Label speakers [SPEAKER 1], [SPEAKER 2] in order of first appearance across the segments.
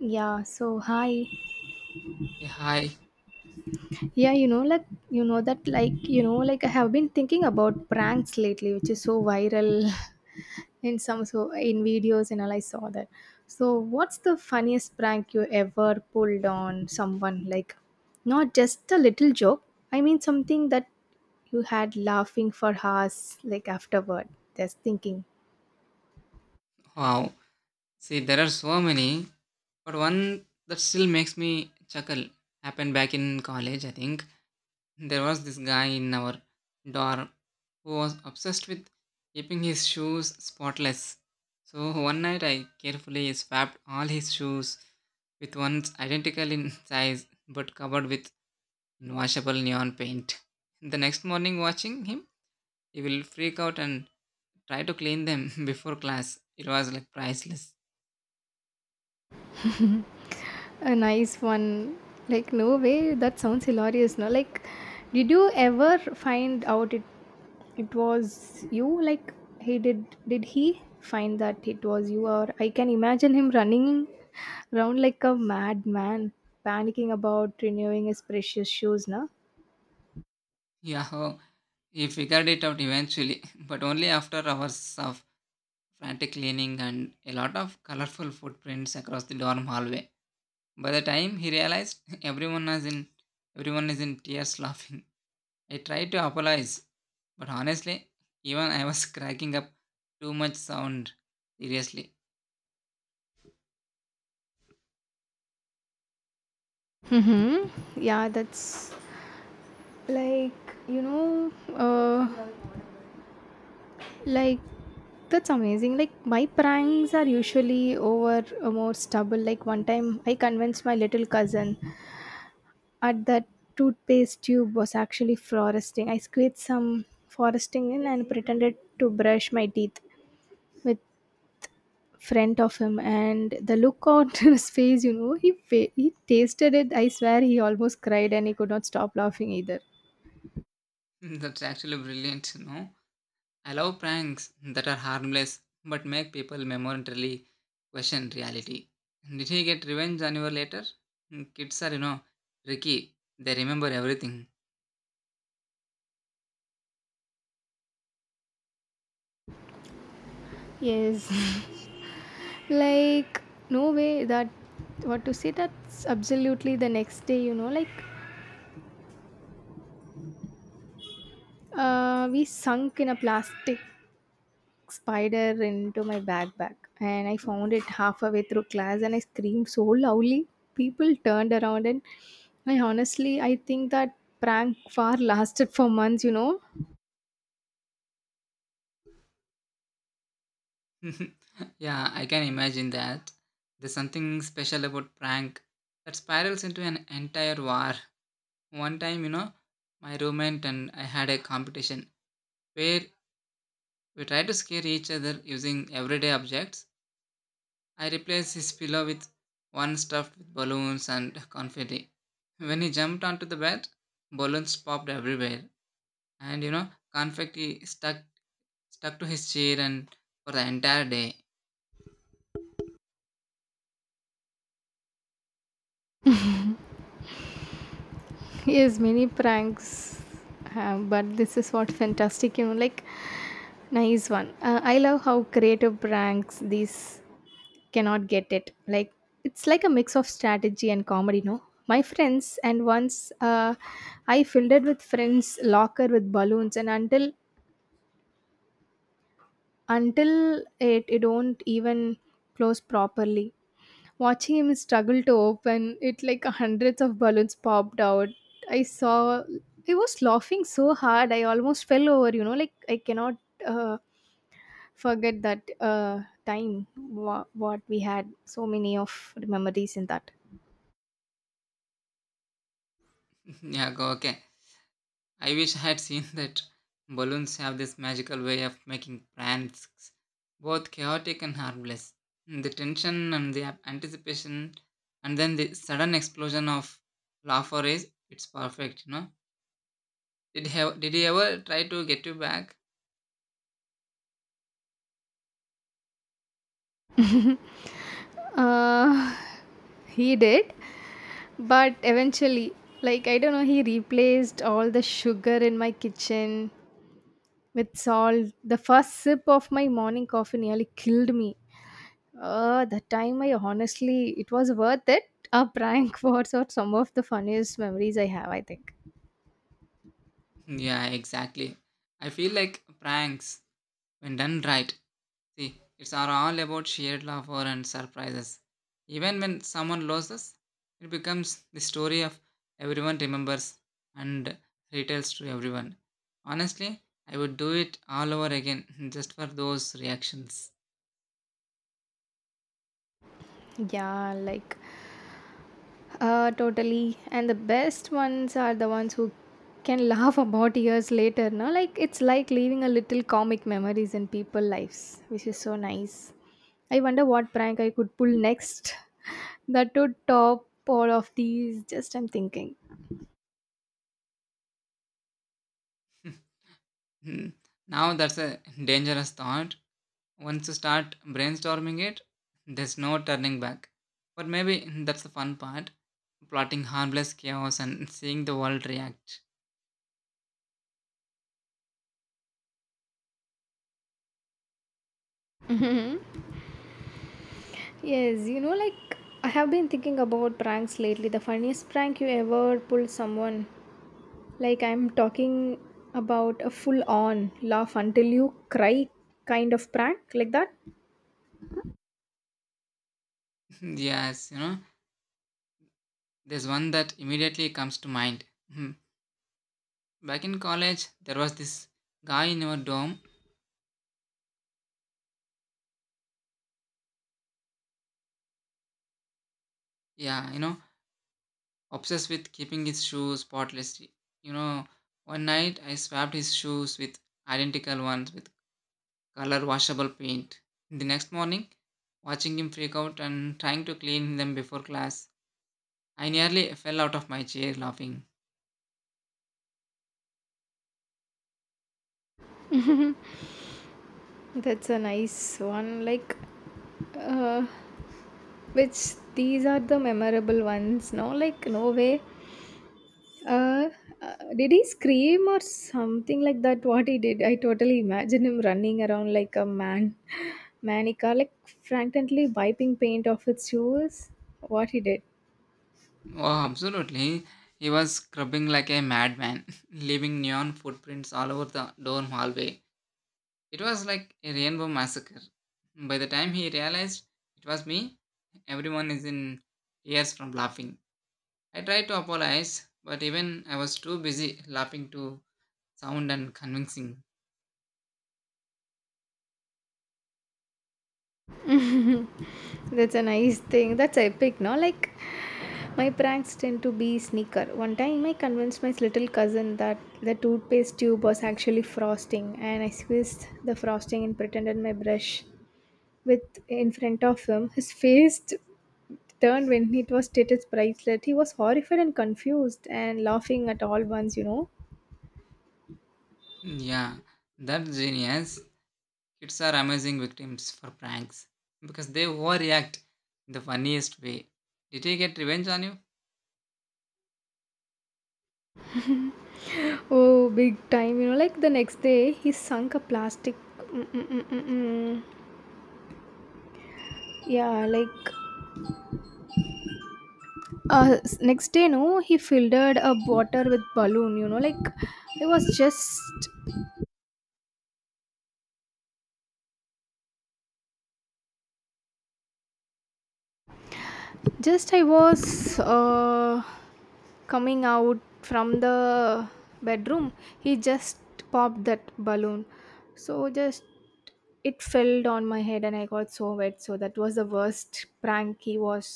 [SPEAKER 1] Yeah, so hi.
[SPEAKER 2] Yeah, hi.
[SPEAKER 1] Yeah, you know, like, you know, that, like, you know, like, I have been thinking about pranks lately, which is so viral in some, so in videos and all. I saw that. So, what's the funniest prank you ever pulled on someone? Like, not just a little joke, something that you had laughing for hours, like, afterward, just thinking.
[SPEAKER 2] Wow, see, there are so many, but one that still makes me chuckle happened back in college, I think. There was this guy in our dorm who was obsessed with keeping his shoes spotless. So one night I carefully swapped all his shoes with ones identical in size but covered with washable neon paint. The next morning, watching him, he will freak out and try to clean them before class. It was like priceless.
[SPEAKER 1] A nice one. Like, no way, that sounds hilarious. No, like, did you ever find out it was you? Like, he did he find that it was you? Or I can imagine him running around like a madman, panicking about renewing his precious shoes, no?
[SPEAKER 2] Yeah, he figured it out eventually, but only after hours of frantic cleaning and a lot of colorful footprints across the dorm hallway. By the time he realized everyone is in tears laughing. I tried to apologize, but honestly, even I was cracking up too much sound. Seriously.
[SPEAKER 1] Mm-hmm. Yeah, that's like Like, that's amazing. Like, my pranks are usually over a more stubble. Like, one time I convinced my little cousin at that toothpaste tube was actually foresting. I squeezed some foresting in and pretended to brush my teeth with front of him and the look on his face, he tasted it. I swear he almost cried and he could not stop laughing either.
[SPEAKER 2] That's actually brilliant, no? I love pranks that are harmless but make people momentarily question reality. Did he get revenge on you later? Mm, kids are, tricky. They remember everything.
[SPEAKER 1] Yes. Like, no way, that what to say, that's absolutely the next day, we sunk in a plastic spider into my backpack and I found it halfway through class and I screamed so loudly. People turned around and I honestly, I think that prank far lasted for months,
[SPEAKER 2] Yeah, I can imagine that. There's something special about prank that spirals into an entire war. One time, my roommate and I had a competition where we tried to scare each other using everyday objects. I replaced his pillow with one stuffed with balloons and confetti. When he jumped onto the bed, balloons popped everywhere, and confetti stuck to his chair and for the entire day.
[SPEAKER 1] Yes, many pranks. But this is what fantastic, nice one. I love how creative pranks these cannot get it, like it's like a mix of strategy and comedy, no? My friends and once, I filled it with friends locker with balloons and until it don't even close properly, watching him struggle to open it, like hundreds of balloons popped out. I saw, I was laughing so hard I almost fell over, like I cannot uh, forget that time. What we had, so many of memories in that.
[SPEAKER 2] Yeah, go okay. I wish I had seen that. Balloons have this magical way of making plans both chaotic and harmless. The tension and the anticipation, and then the sudden explosion of laughter is it's perfect, Did he ever try to get you back?
[SPEAKER 1] Uh, he did, but eventually, like, I don't know, he replaced all the sugar in my kitchen with salt. The first sip of my morning coffee nearly killed me. That time, I honestly, it was worth it. A prank was or some of the funniest memories I have, I think.
[SPEAKER 2] Yeah, exactly. I feel like pranks, when done right, see, it's are all about shared laughter and surprises. Even when someone loses, it becomes the story of everyone remembers and retells to everyone. Honestly, I would do it all over again just for those reactions.
[SPEAKER 1] Yeah, like, totally. And the best ones are the ones who can laugh about years later. No, like, it's like leaving a little comic memories in people' lives, which is so nice. I wonder what prank I could pull next that would top all of these. Just I'm thinking.
[SPEAKER 2] Now that's a dangerous thought. Once you start brainstorming it, there's no turning back. But maybe that's the fun part plotting harmless chaos and seeing the world react.
[SPEAKER 1] Yes, I have been thinking about pranks lately. The funniest prank you ever pulled someone. Like I'm talking about a full on laugh until you cry kind of prank like that.
[SPEAKER 2] Yes, there's one that immediately comes to mind. Hmm. Back in college, there was this guy in our dorm, yeah, obsessed with keeping his shoes spotless. You know, one night I swapped his shoes with identical ones with color washable paint. The next morning, watching him freak out and trying to clean them before class, I nearly fell out of my chair laughing.
[SPEAKER 1] That's a nice one. Like, uh, which these are the memorable ones. No, like no way. Uh, did he scream or something like that? What he did, I totally imagine him running around like a man, manica, like frankly wiping paint off his shoes. What he did.
[SPEAKER 2] Oh, absolutely. He was scrubbing like a madman, leaving neon footprints all over the dorm hallway. It was like a rainbow massacre. By the time he realized it was me, everyone is in tears from laughing. I tried to apologize, but even I was too busy laughing to sound and convincing.
[SPEAKER 1] That's a nice thing. That's epic, no? Like, my pranks tend to be sneaker. One time I convinced my little cousin that the toothpaste tube was actually frosting, and I squeezed the frosting and pretended my brush with in front of him. Turned when it was status bracelet. He was horrified and confused and laughing at all once, you know.
[SPEAKER 2] Yeah, that's genius. Kids are amazing victims for pranks because they overreact in the funniest way. Did he get revenge on you?
[SPEAKER 1] Oh, big time, you know. Like the next day, he sunk a plastic. Mm-mm-mm-mm. Yeah, like next day, no, he filled a water with balloon, I was just I was coming out from the bedroom. He just popped that balloon, so just it fell on my head and I got so wet. So that was the worst prank, he was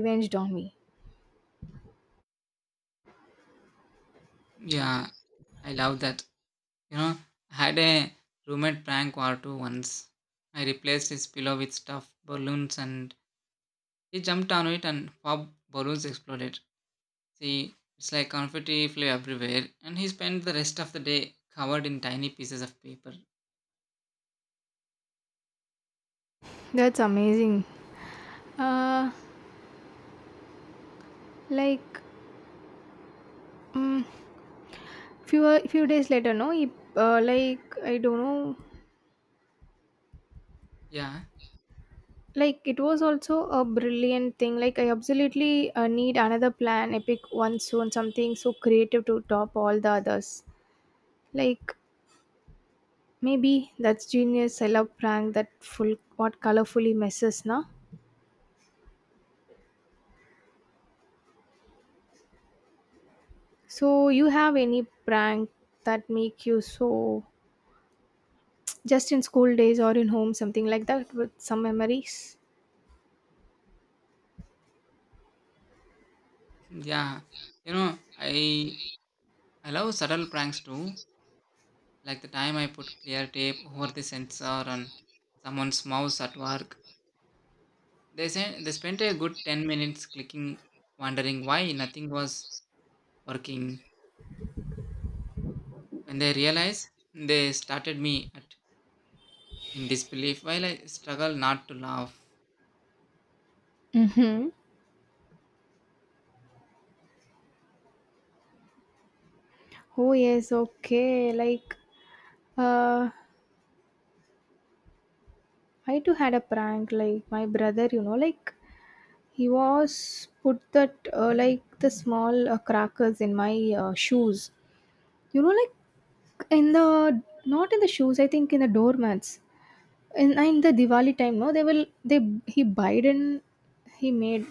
[SPEAKER 1] revenged on me.
[SPEAKER 2] Yeah, I love that. You know, I had a roommate prank war two once. I replaced his pillow with stuffed balloons and he jumped on it and pop balloons exploded. See, it's like confetti flew everywhere and he spent the rest of the day covered in tiny pieces of paper.
[SPEAKER 1] That's amazing. uh like mm, few days later, no, he, like I don't know,
[SPEAKER 2] Yeah,
[SPEAKER 1] like it was also a brilliant thing. Like I absolutely need another plan, epic one soon, something so creative to top all the others. Like maybe that's genius. I love prank that full what colorfully messes na. So you have any prank that make you so, just in school days or in home, something like that with some memories?
[SPEAKER 2] yeah. You know, I I love subtle pranks too, like the time I put clear tape over the sensor on someone's mouse at work. They said they spent a good 10 minutes clicking, wondering why nothing was working. When they realized, they started me at in disbelief while I struggle not to laugh.
[SPEAKER 1] Mm-hmm. Oh yes, okay. Like, uh, I too had a prank. Like my brother, he was put that, like the small crackers in my shoes. You know, like in the not in the shoes. I think in the doormats. In the Diwali time, no, they will they he buyed and he made.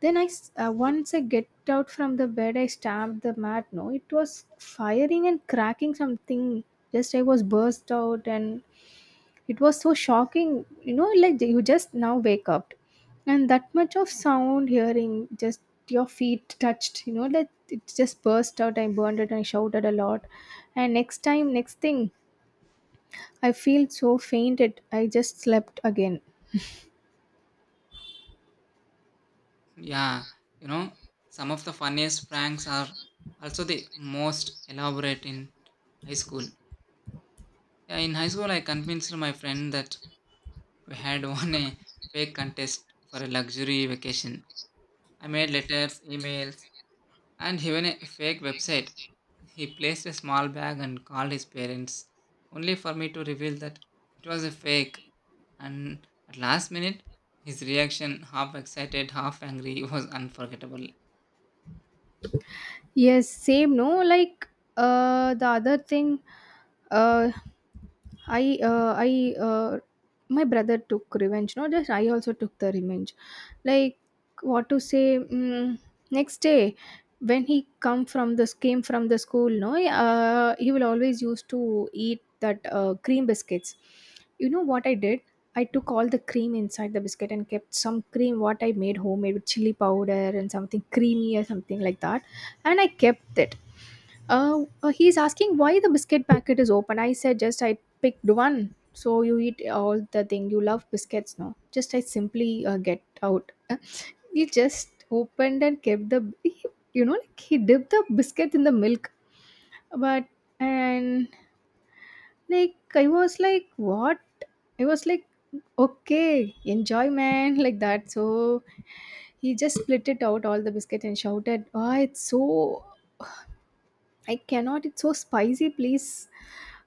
[SPEAKER 1] Then once I get out from the bed, I stamped the mat. No, it was firing and cracking something. Just I was burst out and it was so shocking, you know, like you just now wake up and that much of sound hearing, just your feet touched, you know, that it just burst out. I burned it and I shouted a lot, and next thing, I feel so fainted, I just slept again.
[SPEAKER 2] Yeah, you know, some of the funniest pranks are also the most elaborate in high school. Yeah, in high school, I convinced my friend that we had won a fake contest for a luxury vacation. I made letters, emails, and even a fake website. He placed a small bag and called his parents, only for me to reveal that it was a fake. And at last minute, his reaction, half excited, half angry, was unforgettable.
[SPEAKER 1] Yes, same. No, like the other thing, uh, I my brother took revenge. Not just I, also took the revenge. Like what to say? Next day, when he come from this came from the school, no, he will always used to eat that cream biscuits. You know what I did? I took all the cream inside the biscuit and kept some cream what I made homemade with chili powder and something creamy or something like that, and I kept it. He's asking why the biscuit packet is open. I said just I picked one. So you eat all the thing. You love biscuits now. Just I simply get out. He just opened and kept the, you know, like he dipped the biscuit in the milk. But, and like I was like, what? I was like, okay, enjoy, man, like that. So he just split it out, all the biscuit, and shouted, oh, it's so, I cannot, it's so spicy. Please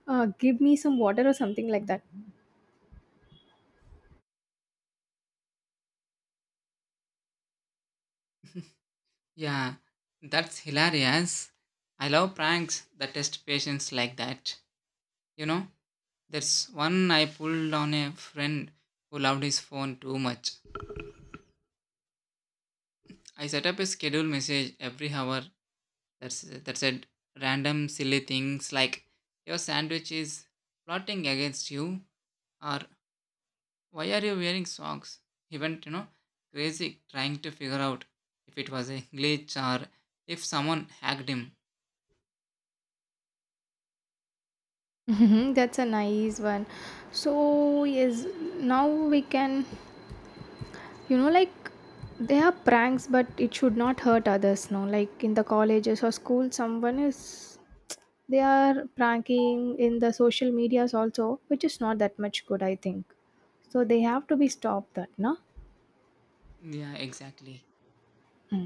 [SPEAKER 1] give me some water or something like that.
[SPEAKER 2] Yeah, that's hilarious. I love pranks that test patience like that. You know, there's one I pulled on a friend who loved his phone too much. I set up a schedule message every hour that said random silly things like your sandwich is plotting against you or why are you wearing socks? He went, crazy trying to figure out if it was a glitch or if someone hacked him.
[SPEAKER 1] Mhm. That's a nice one. So yes, now we can, you know, like, they are pranks, but it should not hurt others. No, like in the colleges or school, someone is, they are pranking in the social medias also, which is not that much good, I think. So they have to be stopped. That no.
[SPEAKER 2] Yeah, exactly.
[SPEAKER 1] Hmm.